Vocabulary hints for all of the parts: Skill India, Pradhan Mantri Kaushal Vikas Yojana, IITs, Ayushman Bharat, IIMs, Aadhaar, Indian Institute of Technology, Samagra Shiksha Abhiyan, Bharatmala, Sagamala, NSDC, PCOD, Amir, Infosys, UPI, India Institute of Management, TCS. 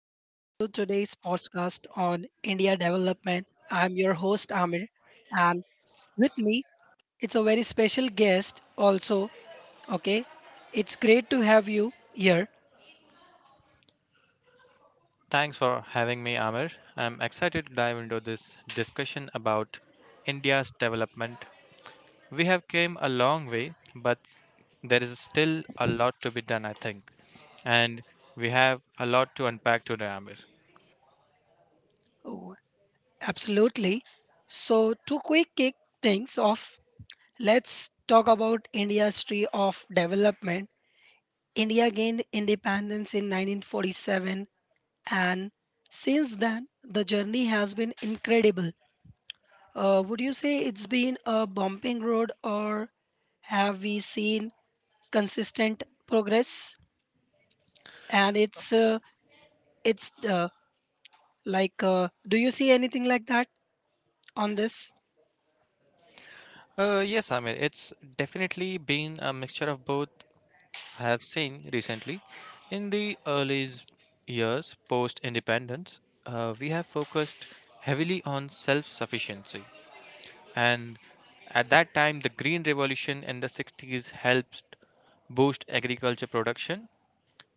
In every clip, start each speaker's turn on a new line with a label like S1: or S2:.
S1: welcome to today's podcast on India development. I'm your host Amir, and with me, it's a very special guest also. Okay, it's great to have you here.
S2: Thanks for having me, Amir. I'm excited to dive into this discussion about India's development. We have came a long way, but there is still a lot to be done, I think. And we have a lot to unpack today, Amir.
S1: Oh, absolutely. So, to quick kick things off, let's talk about India's history of development. India gained independence in 1947, and since then, the journey has been incredible. Would you say it's been a bumping road, or have we seen consistent progress? And it's like, do you see anything like that on this?
S2: Yes, Amir, it's definitely been a mixture of both I have seen recently. In the years post independence, we have focused heavily on self sufficiency, and at that time the green revolution in the 60s helped boost agriculture production,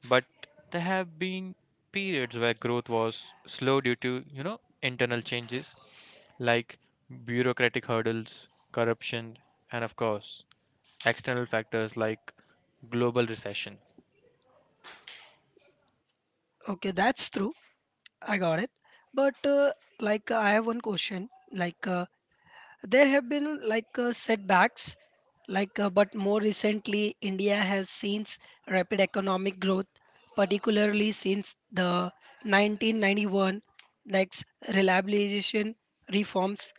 S2: but there have been periods where growth was slow due to, you know, internal changes like bureaucratic hurdles, corruption, and of course external factors like global recession.
S1: Okay, that's true. I got it. But uh, I have one question. There have been setbacks, but more recently, India has seen rapid economic growth, particularly since the 1991 like s- reliabilization reforms.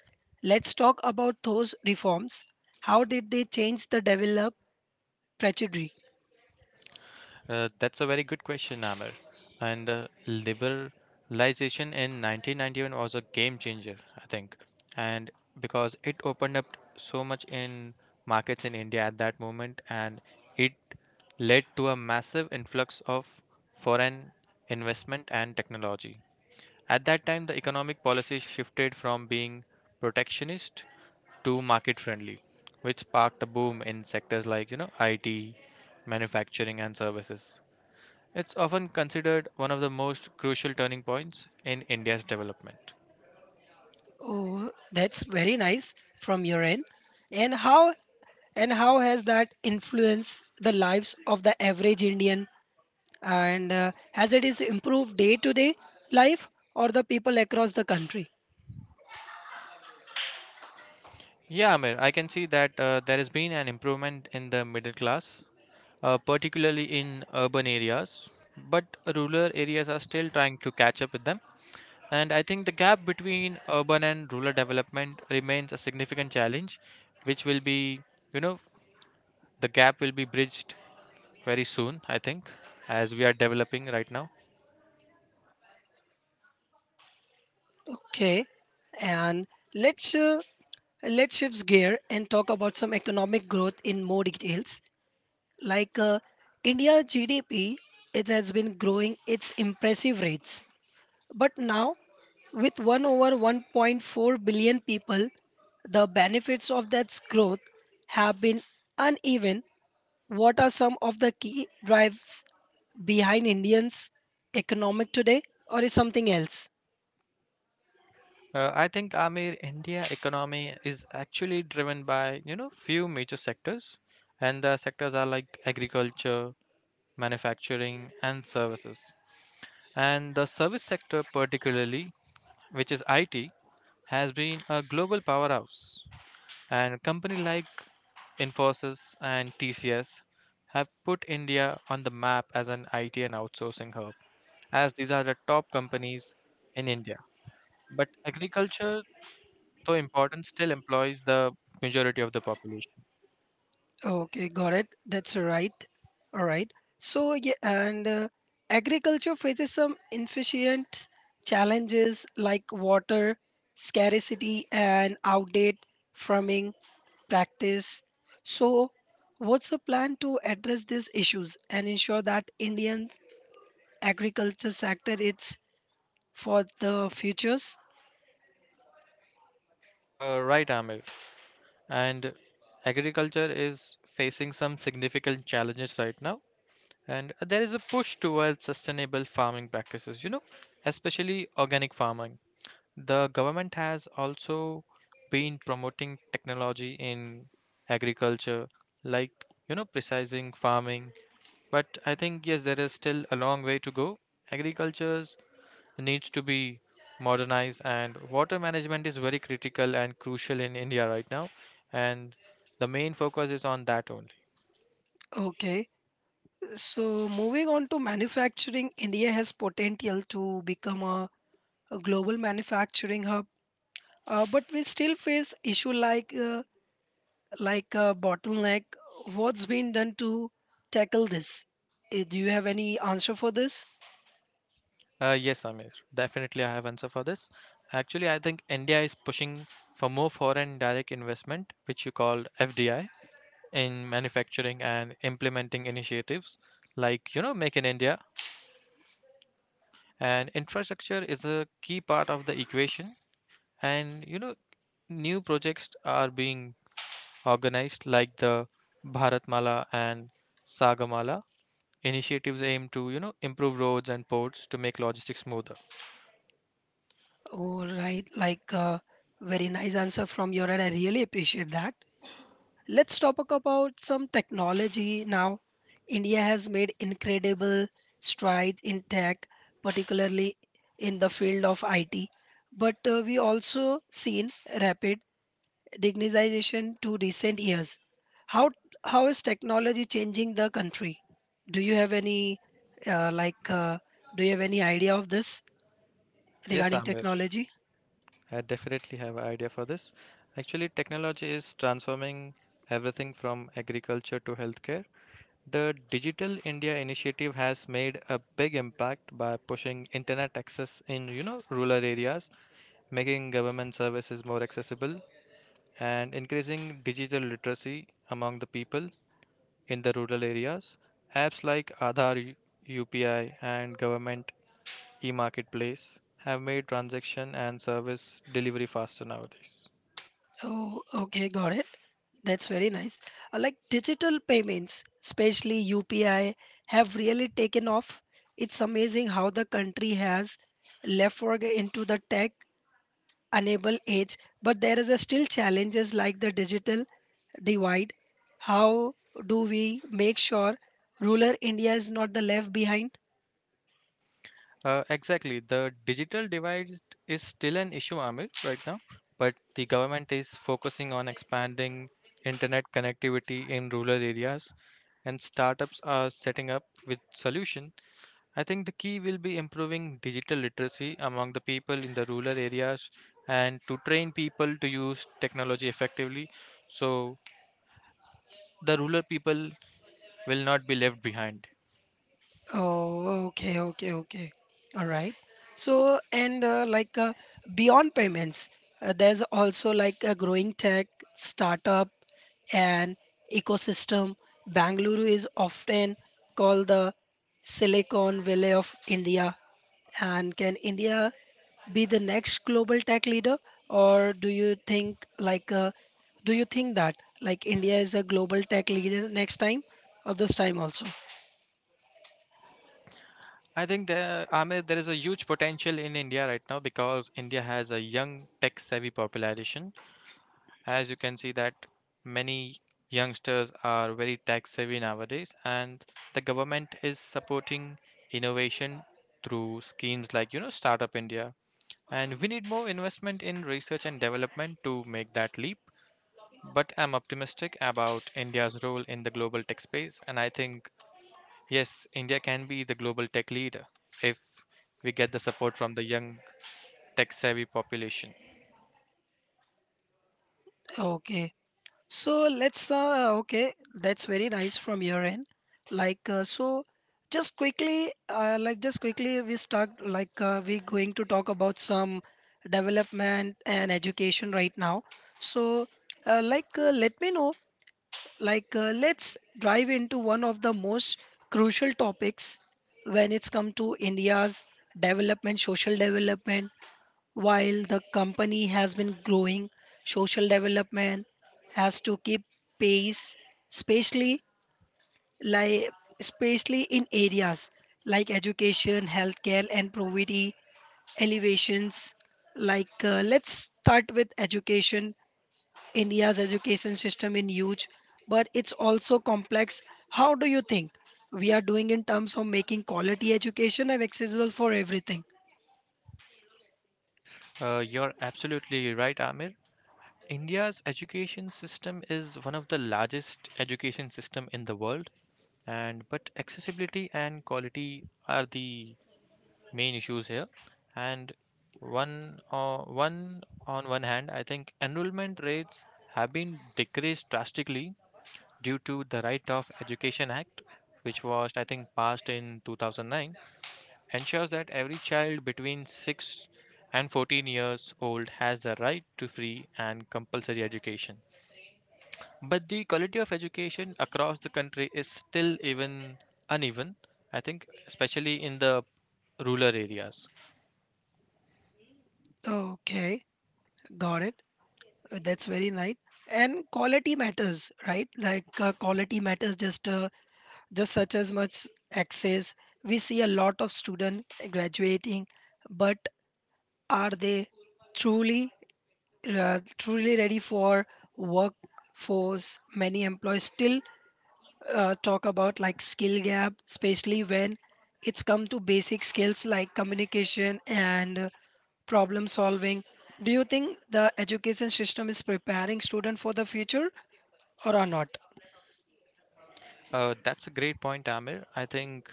S1: Let's talk about those reforms. How did they change the developed trajectory?
S2: That's a very good question, Amir. And Liberalization in 1991 was a game changer, I think. And because it opened up so much in markets in India at that moment, and it led to a massive influx of foreign investment and technology. At that time, the economic policies shifted from being protectionist to market friendly, which sparked a boom in sectors like, you know, IT, manufacturing, and services. It's often considered one of the most crucial turning points in India's development.
S1: Oh, that's very nice from your end. And how and how has that influenced the lives of the average Indian, and has it is improved day to day life or the people across the country?
S2: Yeah, Amir, I can see that there has been an improvement in the middle class, particularly in urban areas, but rural areas are still trying to catch up with them. And I think the gap between urban and rural development remains a significant challenge, which will be, you know, the gap will be bridged very soon, I think, as we are developing right now.
S1: Okay, and let's uh, let's shift gear and talk about some economic growth in more details. like uh, India GDP, it has been growing its impressive rates, but now with 1 over 1.4 billion people, the benefits of that growth have been uneven. What are some of the key drives behind Indians' economic today, or is something else?
S2: I think, Amir, India economy is actually driven by, you know, few major sectors, and the sectors are like agriculture, manufacturing, and services. And the service sector, particularly, which is IT, has been a global powerhouse. And company like Infosys and TCS have put India on the map as an IT and outsourcing hub, as these are the top companies in India. But agriculture, though important, still employs the majority of the population.
S1: Okay, got it. That's right. All right. So yeah, and agriculture faces some efficient challenges like water scarcity and outdated farming practice. So, what's the plan to address these issues and ensure that Indian agriculture sector is for the futures?
S2: Right, Amir. And agriculture is facing some significant challenges right now. And there is a push towards sustainable farming practices, you know, especially organic farming. The government has also been promoting technology in agriculture, like, you know, precising farming. But I think, yes, there is still a long way to go. Agriculture's needs to be modernized, and water management is very critical and crucial in india right now, and the main focus is on that only.
S1: Okay, so moving on to manufacturing, India has potential to become a global manufacturing hub, but we still face issue like a bottleneck. What's been done to tackle this? Eh, do you have any answer for this?
S2: Yes, amir, definitely I have answer for this. Actually I think india is pushing for more foreign direct investment, which you called fdi, in manufacturing, and implementing initiatives like, you know, make in india. And infrastructure is a key part of the equation, and, you know, new projects are being organized like the Bharatmala and Sagamala. Initiatives aim to, you know, improve roads and ports to make logistics smoother.
S1: All right, very nice answer from your end. I really appreciate that. Let's talk about some technology now. India has made incredible strides in tech, particularly in the field of IT. But we also seen rapid digitization to recent years. How how is technology changing the country? Do you have any uh, like uh, do you have any idea of this
S2: Yes,
S1: regarding
S2: Amber,
S1: technology?
S2: I definitely have an idea for this. Actually, technology is transforming everything from agriculture to healthcare. The Digital India initiative has made a big impact by pushing internet access in, you know, rural areas, making government services more accessible, and increasing digital literacy among the people in the rural areas. Apps like Aadhaar, UPI, and government e-marketplace have made transaction and service delivery faster nowadays.
S1: Oh, okay, got it. That's very nice. Like digital payments, especially UPI, have really taken off. It's amazing how the country has left work into the tech enable age, but there is a still challenges like the digital divide. How do we make sure rural India is not the left behind?
S2: Exactly, the digital divide is still an issue, Amir, right now, but the government is focusing on expanding internet connectivity in rural areas, and startups are setting up with solution. I think the key will be improving digital literacy among the people in the rural areas and to train people to use technology effectively, so the rural people will not be left behind.
S1: Oh, okay, okay, okay. All right. So, and beyond payments, there's also like a growing tech startup and ecosystem. Bangalore is often called the Silicon Valley of India. And can India be the next global tech leader, or do you think do you think that like India is a global tech leader next time or this time also?
S2: I think there, Amir, there is a huge potential in India right now because India has a young tech savvy population. As you can see that many youngsters are very tech savvy nowadays, and the government is supporting innovation through schemes like, you know, startup india. And we need more investment in research and development to make that leap. But I'm optimistic about India's role in the global tech space. And I think, yes, India can be the global tech leader if we get the support from the young tech savvy population.
S1: Okay. So let's okay, that's very nice from your end. Like uh, so, just quickly, just quickly, we start we going to talk about some development and education right now. So, let me know. Let's dive into one of the most crucial topics when it's come to India's development, social development. While the company has been growing, social development has to keep pace, especially like especially in areas like education, healthcare, and poverty elevations. Let's start with education. India's education system in huge, but it's also complex. How do you think we are doing in terms of making quality education and accessible for everything?
S2: You're absolutely right, Amir. India's education system is one of the largest education system in the world, and but accessibility and quality are the main issues here. And one uh, one on one hand, I think enrollment rates have been decreased drastically due to the right of education act, which was I think passed in 2009, ensures that every child between 6 and 14 years old has the right to free and compulsory education, but the quality of education across the country is still even uneven, I think, especially in the rural areas.
S1: Okay, got it. That's very nice. And quality matters, right? Quality matters just such as much access. We see a lot of student graduating, but are they truly truly ready for workforce? Many employees still talk about like skill gap, especially when it's come to basic skills like communication and problem solving. Do you think the education system is preparing student for the future or are not?
S2: That's a great point, Amir. I think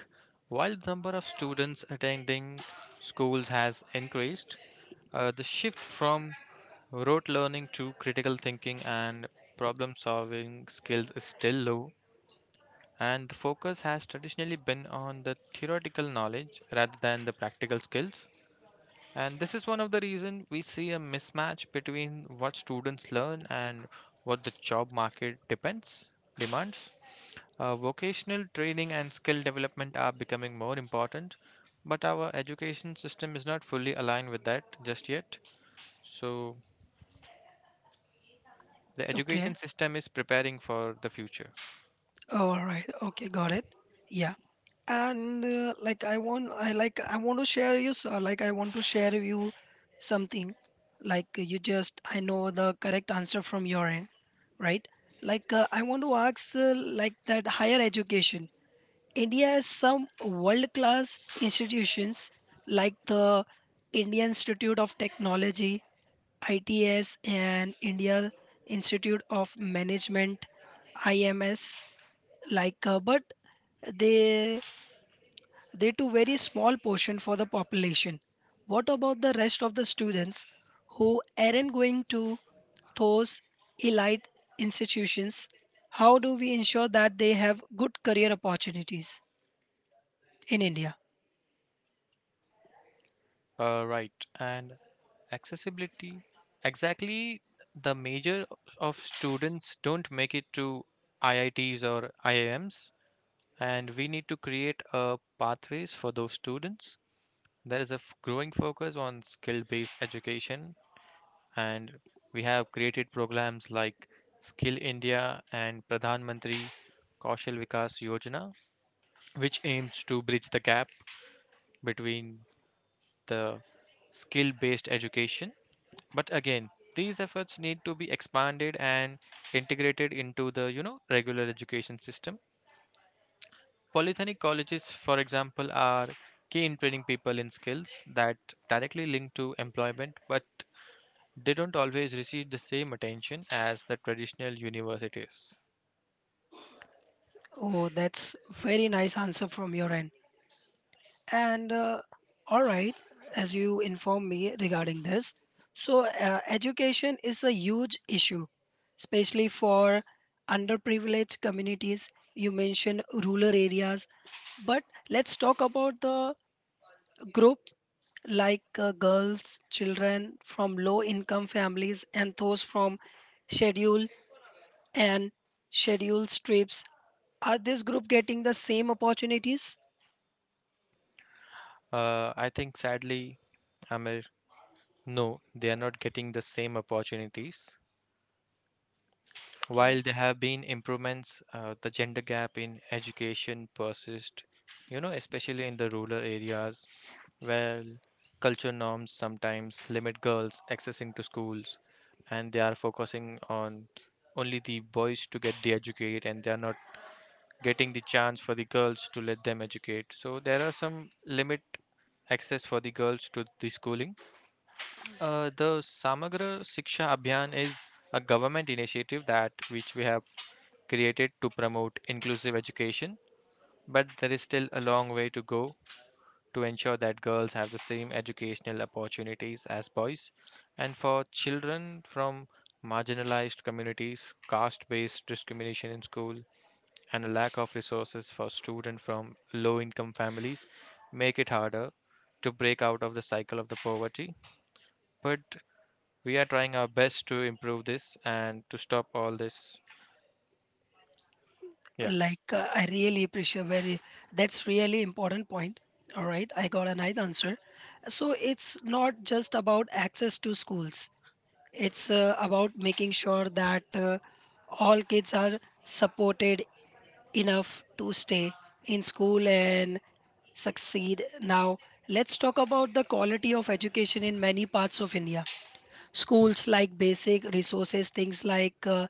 S2: while the number of students attending schools has increased, the shift from rote learning to critical thinking and problem solving skills is still low, and the focus has traditionally been on the theoretical knowledge rather than the practical skills. And this is one of the reasons we see a mismatch between what students learn and what the job market depends demands. Vocational training and skill development are becoming more important, but our education system is not fully aligned with that just yet. So, the
S1: Okay.
S2: education system is preparing for the future.
S1: Oh, all right. Okay. Got it. Yeah. And I want to share you. So, like I want to share you something. Like you just, I know the correct answer from your end, right? I want to ask, like that higher education. India has some world-class institutions like the Indian Institute of Technology, ITS, and India Institute of Management, IMS, but they they to very small portion for the population. What about the rest of the students who aren't going to those elite institutions? How do we ensure that they have good career opportunities in India?
S2: Right. And accessibility, exactly, the major of students don't make it to IITs or IIMs, and we need to create a pathways for those students. There is a growing focus on skill based education, and we have created programs like Skill India and Pradhan Mantri Kaushal Vikas Yojana, which aims to bridge the gap between the skill based education. But again, these efforts need to be expanded and integrated into the, you know, regular education system. Polytechnic colleges, for example, are key in training people in skills that directly link to employment, but they don't always receive the same attention as the traditional universities.
S1: Oh, that's very nice answer from your end. And all right, as you inform me regarding this, so education is a huge issue, especially for underprivileged communities. You mentioned rural areas, but let's talk about the group, girls, children from low income families, and those from schedule and scheduled trips. Are this group getting the same opportunities?
S2: I think sadly, Amir, no, they are not getting the same opportunities. While there have been improvements, the gender gap in education persists, you know, especially in the rural areas where culture norms sometimes limit girls accessing to schools, and they are focusing on only the boys to get the educate, and they are not getting the chance for the girls to let them educate. So there are some limit access for the girls to the schooling. The Samagra Shiksha Abhiyan is a government initiative that which we have created to promote inclusive education, but there is still a long way to go to ensure that girls have the same educational opportunities as boys. And for children from marginalized communities, caste based discrimination in school and a lack of resources for students from low income families make it harder to break out of the cycle of the poverty. But we are trying our best to improve this and to stop all this. Yeah.
S1: I really appreciate very, that's really important point. All right, I got a nice answer. So it's not just about access to schools, it's about making sure that all kids are supported enough to stay in school and succeed. Now let's talk about the quality of education. In many parts of India, schools like basic resources things like uh,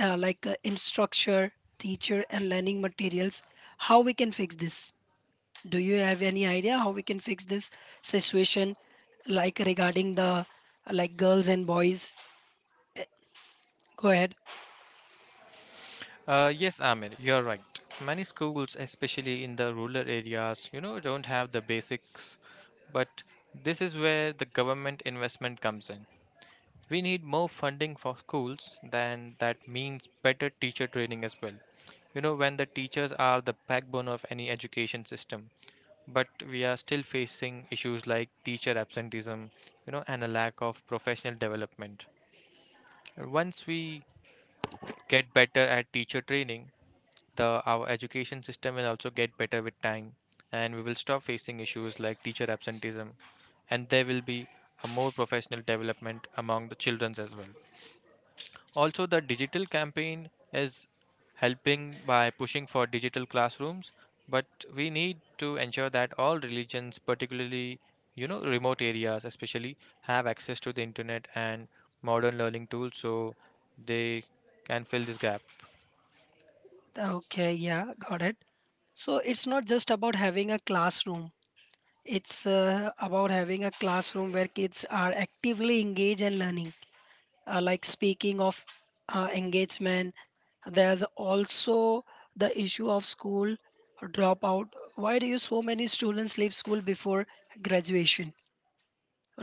S1: uh, like uh, instructor teacher and learning materials. How we can fix this? Do you have any idea how we can fix this situation, like regarding the like girls and boys? Go ahead.
S2: Yes, Amir, you're right. Many schools, especially in the rural areas, you know, don't have the basics. But this is where the government investment comes in. We need more funding for schools, then that means better teacher training as well. You know, when the teachers are the backbone of any education system, but we are still facing issues like teacher absenteeism, you know, and a lack of professional development. Once we get better at teacher training, the our education system will also get better with time, and we will stop facing issues like teacher absenteeism, and there will be a more professional development among the children as well. Also, the digital campaign is helping by pushing for digital classrooms, but we need to ensure that all religions, particularly, you know, remote areas especially, have access to the internet and modern learning tools so they can fill this gap.
S1: Okay, yeah, got it. So it's not just about having a classroom, it's about having a classroom where kids are actively engaged and learning. Speaking of engagement, there's also the issue of school dropout. Why do you so many students leave school before graduation?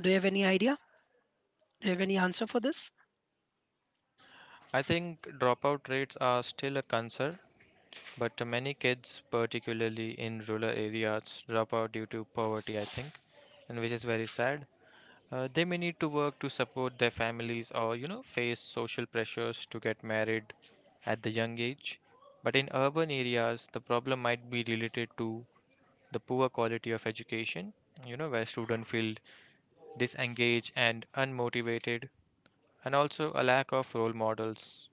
S1: Do you have any idea? Do you have any answer for this?
S2: I think dropout rates are still a concern, but many kids, particularly in rural areas, drop out due to poverty, I think, and which is very sad. They may need to work to support their families or, you know, face social pressures to get married at the young age. But in urban areas, the problem might be related to the poor quality of education, you know, where students feel disengaged and unmotivated, and also a lack of role models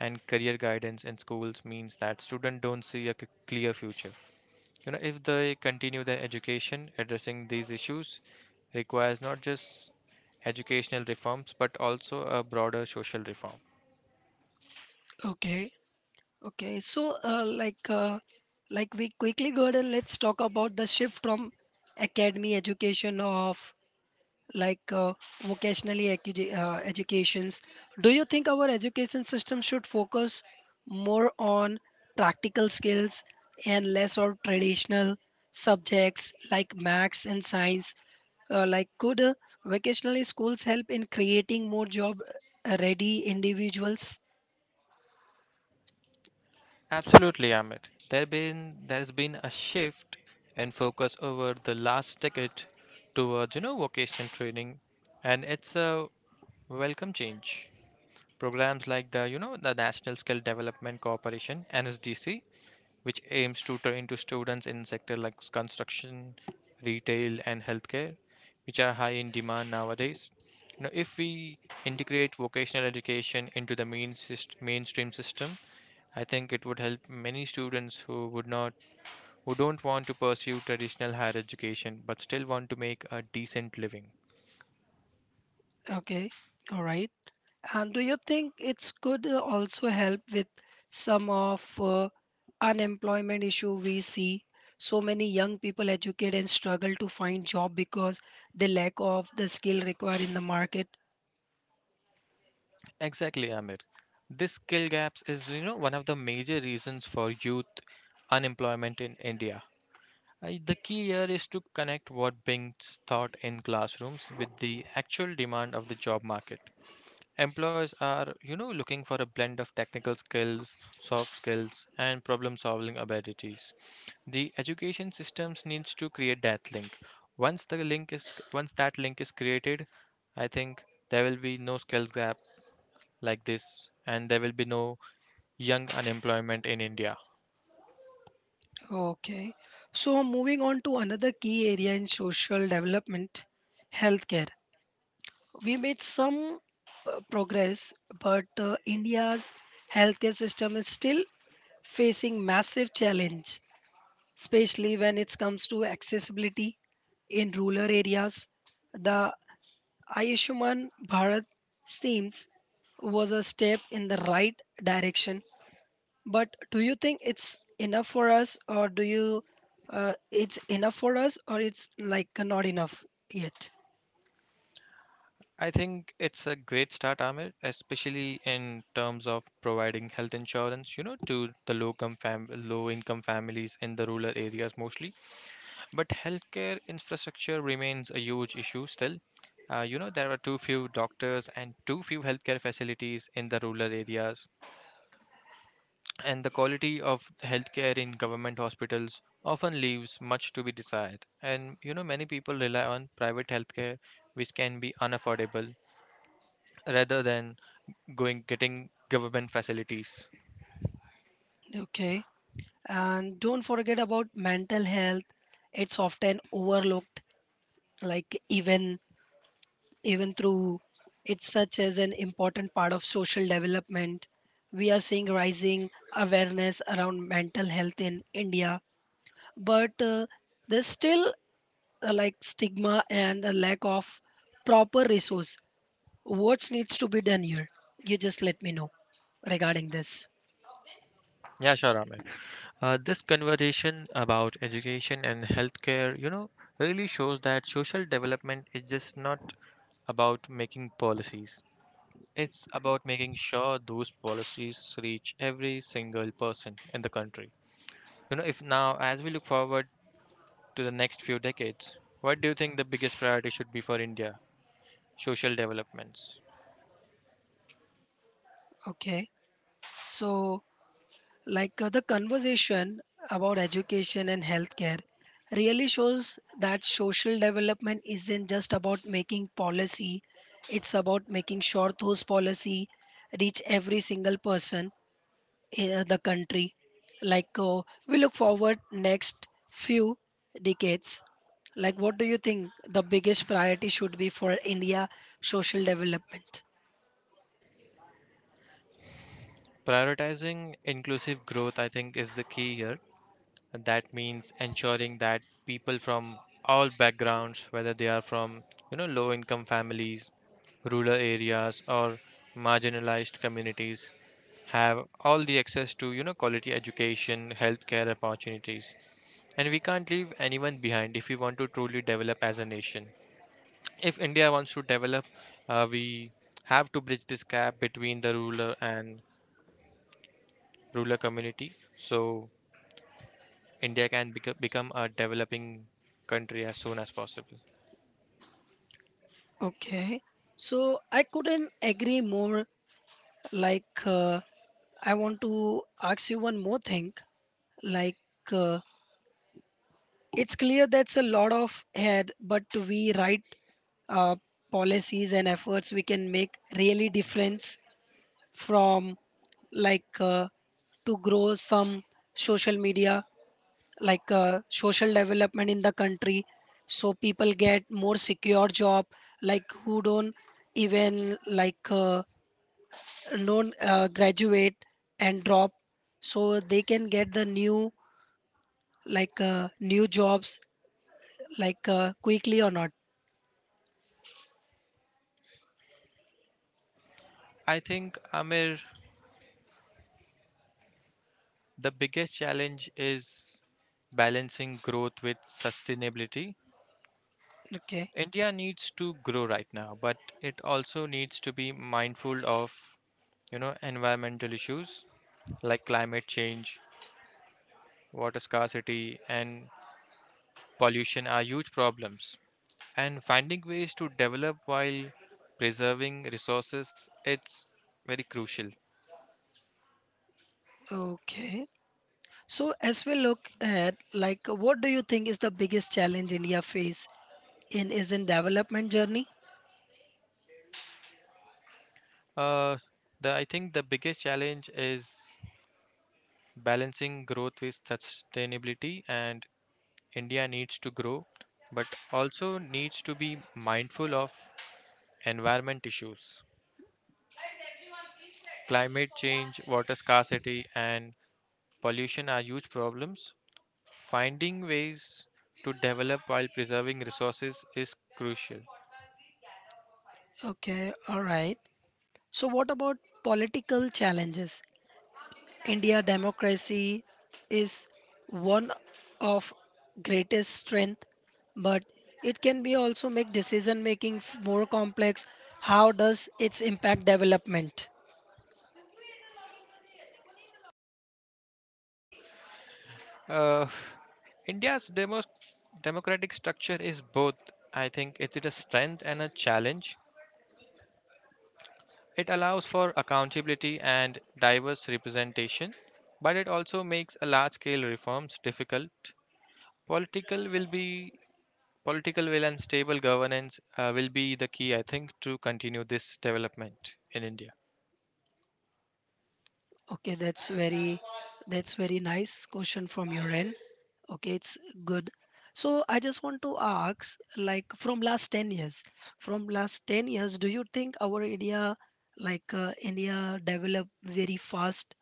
S2: and career guidance in schools means that students don't see a clear future. You know, if they continue their education, addressing these issues requires not just educational reforms but also a broader social reform.
S1: Okay, okay, so we quickly go ahead and let's talk about the shift from academy education of like uh, vocationally educations. Do you think our education system should focus more on practical skills and less on traditional subjects like maths and science? Like could Vocational schools help in creating more job ready individuals?
S2: Absolutely, Amit. There has been a shift in focus over the last decade towards, you know, vocational training, and it's a welcome change. Programs like the, you know, the National Skill Development Corporation (NSDC), which aims to train to students in sector like construction, retail, and healthcare, which are high in demand nowadays. You know, if we integrate vocational education into the mainstream system, I think it would help many students who would not, who don't want to pursue traditional higher education but still want to make a decent living.
S1: Okay, all right. And do you think it's could also help with some of unemployment issue we see? So many young people educate and struggle to find job because they lack of the skill required in the market.
S2: Exactly, Amir. This skill gaps is, you know, one of the major reasons for youth unemployment in India. The key here is to connect what Bing's taught in classrooms with the actual demand of the job market. Employers are, you know, looking for a blend of technical skills, soft skills, and problem-solving abilities. The education systems needs to create that link. Once that link is created, I think there will be no skills gap like this, and there will be no young unemployment in India.
S1: Okay, so moving on to another key area in social development, healthcare. We made some progress, but India's healthcare system is still facing massive challenge, especially when it comes to accessibility in rural areas. The Ayushman Bharat seems was a step in the right direction, but do you think it's enough for us, or do you it's enough for us, or it's like not enough yet?
S2: I think it's a great start, Amir, especially in terms of providing health insurance, you know, to the low income families in the rural areas mostly. But healthcare infrastructure remains a huge issue still. There are too few doctors and too few healthcare facilities in the rural areas, and the quality of healthcare in government hospitals often leaves much to be desired. Many people rely on private healthcare, which can be unaffordable rather than going getting government facilities.
S1: Okay, and don't forget about mental health. It's often overlooked, like even even through it's such as an important part of social development. We are seeing rising awareness around mental health in India, but there's still stigma and a lack of proper resource. What needs to be done here? You just let me know regarding this.
S2: Yeah, sure, Amit. This conversation about education and healthcare, you know, really shows that social development is just not about making policies. It's about making sure those policies reach every single person in the country. You know, if now, as we look forward to the next few decades, what do you think the biggest priority should be for India? Social developments.
S1: Okay, so the conversation about education and healthcare really shows that social development isn't just about making policy, it's about making sure those policy reach every single person in the country. We look forward next few decades. Like what do you think the biggest priority should be for India social development?
S2: Prioritizing inclusive growth, I think, is the key here. And that means ensuring that people from all backgrounds, whether they are from, you know, low income families, rural areas, or marginalized communities, have all the access to, you know, quality education, healthcare opportunities, and we can't leave anyone behind if we want to truly develop as a nation. If India wants to develop, we have to bridge this gap between the ruler and ruler community. So India can become a developing country as soon as possible.
S1: Okay, so I couldn't agree more. Like uh, I want to ask you one more thing. Like uh, it's clear that's a lot of head, but we write uh, policies and efforts we can make really difference from like uh, to grow some social media, social development in the country, so people get more secure job, like who don't even non graduate and drop, so they can get the new, new jobs, quickly or not.
S2: I think, Amir, the biggest challenge is balancing growth with sustainability.
S1: Okay,
S2: India needs to grow right now, but it also needs to be mindful of, you know, environmental issues like climate change, water scarcity, and pollution are huge problems. And finding ways to develop while preserving resources, it's very crucial.
S1: okay. So as we look at, like what do you think is the biggest challenge India face in is in development journey?
S2: Uh, I think the biggest challenge is balancing growth with sustainability, and India needs to grow, but also needs to be mindful of environment issues. Climate change, water scarcity, and pollution are huge problems. Finding ways to develop while preserving resources is crucial.
S1: Okay, all right. So what about political challenges? India democracy is one of greatest strength, but it can be also make decision making more complex. How does its impact development?
S2: Uh, India's demo democratic structure is both, I think, it's a strength and a challenge. It allows for accountability and diverse representation, but it also makes a large-scale reforms difficult. Political will be Political will and stable governance will be the key, I think, to continue this development in India.
S1: Okay, that's very nice question from your end. Okay, it's good. So I just want to ask, like from last 10 years, from last 10 years, do you think our India, India developed very fast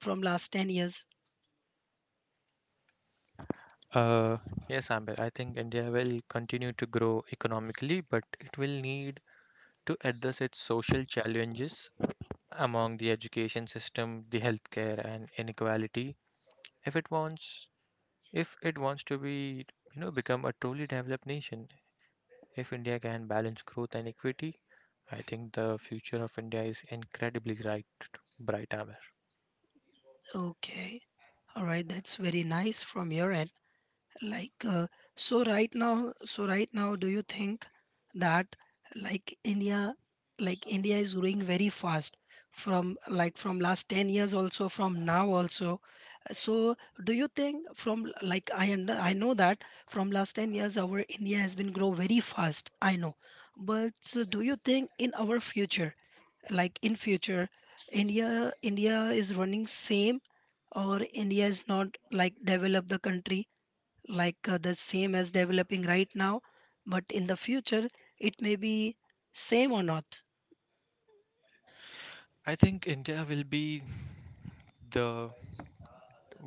S1: from last 10 years?
S2: Uh, yes, Amber, I think India will continue to grow economically, but it will need to address its social challenges among the education system, the healthcare, and inequality if it wants if it wants to be, you know, become a truly developed nation. If India can balance growth and equity, I think the future of India is incredibly bright, bright Amir.
S1: Okay. All right, that's very nice from your end. like uh, so right now, do you think that like India, like India is growing very fast from like from last 10 years also from now also? So do you think from like I, and I know that from last 10 years our India has been grow very fast, I know. But so do you think in our future, like in future, India is running same, or India is not like develop the country, the same as developing right now, but in the future it may be same or not?
S2: I think India will be the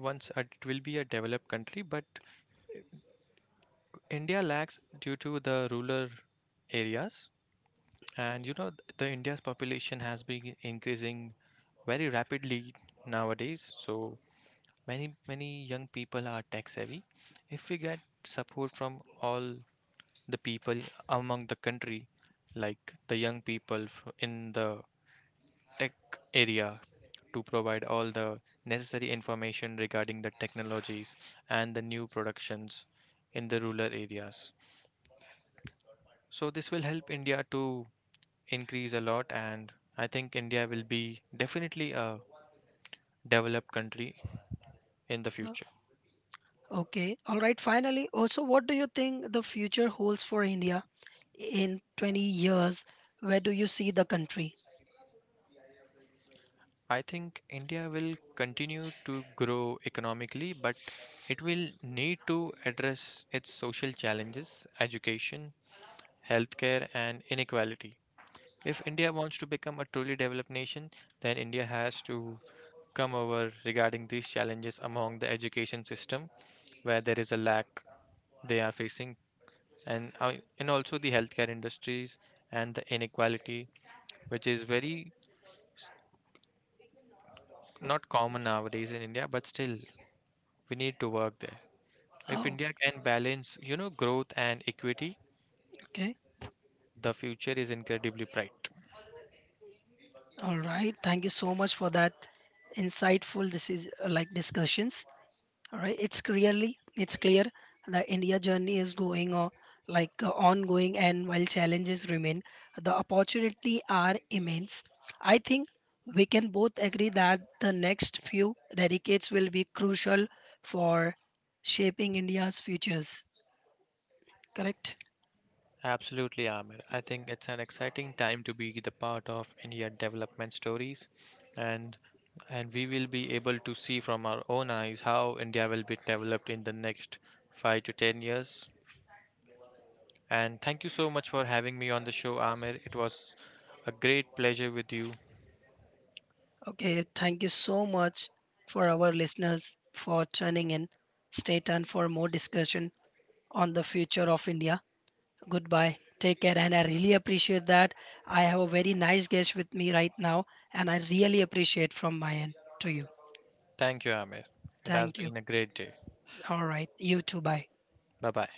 S2: it will be a developed country, but India lacks due to the rural areas, and the India's population has been increasing very rapidly nowadays. So many many young people are tech savvy. If we get support from all the people among the country, like the young people in the tech area, to provide all the necessary information regarding the technologies and the new productions in the rural areas. So, this will help India to increase a lot, and I think India will be definitely a developed country in the
S1: Uh,
S2: future.
S1: okay, all right, finally also, what do you think the future holds for India in 20 years? Where do you see the country?
S2: I think India will continue to grow economically, but it will need to address its social challenges, education, healthcare, and inequality. If India wants to become a truly developed nation, then India has to come over regarding these challenges among the education system, where there is a lack they are facing, and, uh, and also the healthcare industries and the inequality, which is very not common nowadays in India, but still we need to work there. If
S1: Oh,
S2: India can balance, you know, growth and equity,
S1: okay.
S2: the future is incredibly bright.
S1: All right, thank you so much for that insightful, this is discussions. All right, it's clear the India journey is going on, ongoing, and while challenges remain, the opportunity are immense. I think we can both agree that the next few decades will be crucial for shaping India's futures. Correct?
S2: Absolutely, Amir. I think it's an exciting time to be the part of India development stories, and we will be able to see from our own eyes how India will be developed in the next 5 to 10 years. And thank you so much for having me on the show, Amir. It was a great pleasure with you.
S1: Okay. Thank you so much for our listeners for tuning in. Stay tuned for more discussion on the future of India. Goodbye. Take care. And I really appreciate that. I have a very nice guest with me right now, and I really appreciate from my end to you.
S2: Thank you, Amir. It has
S1: Thank you.
S2: been a great day.
S1: All right. You too. Bye.
S2: Bye bye.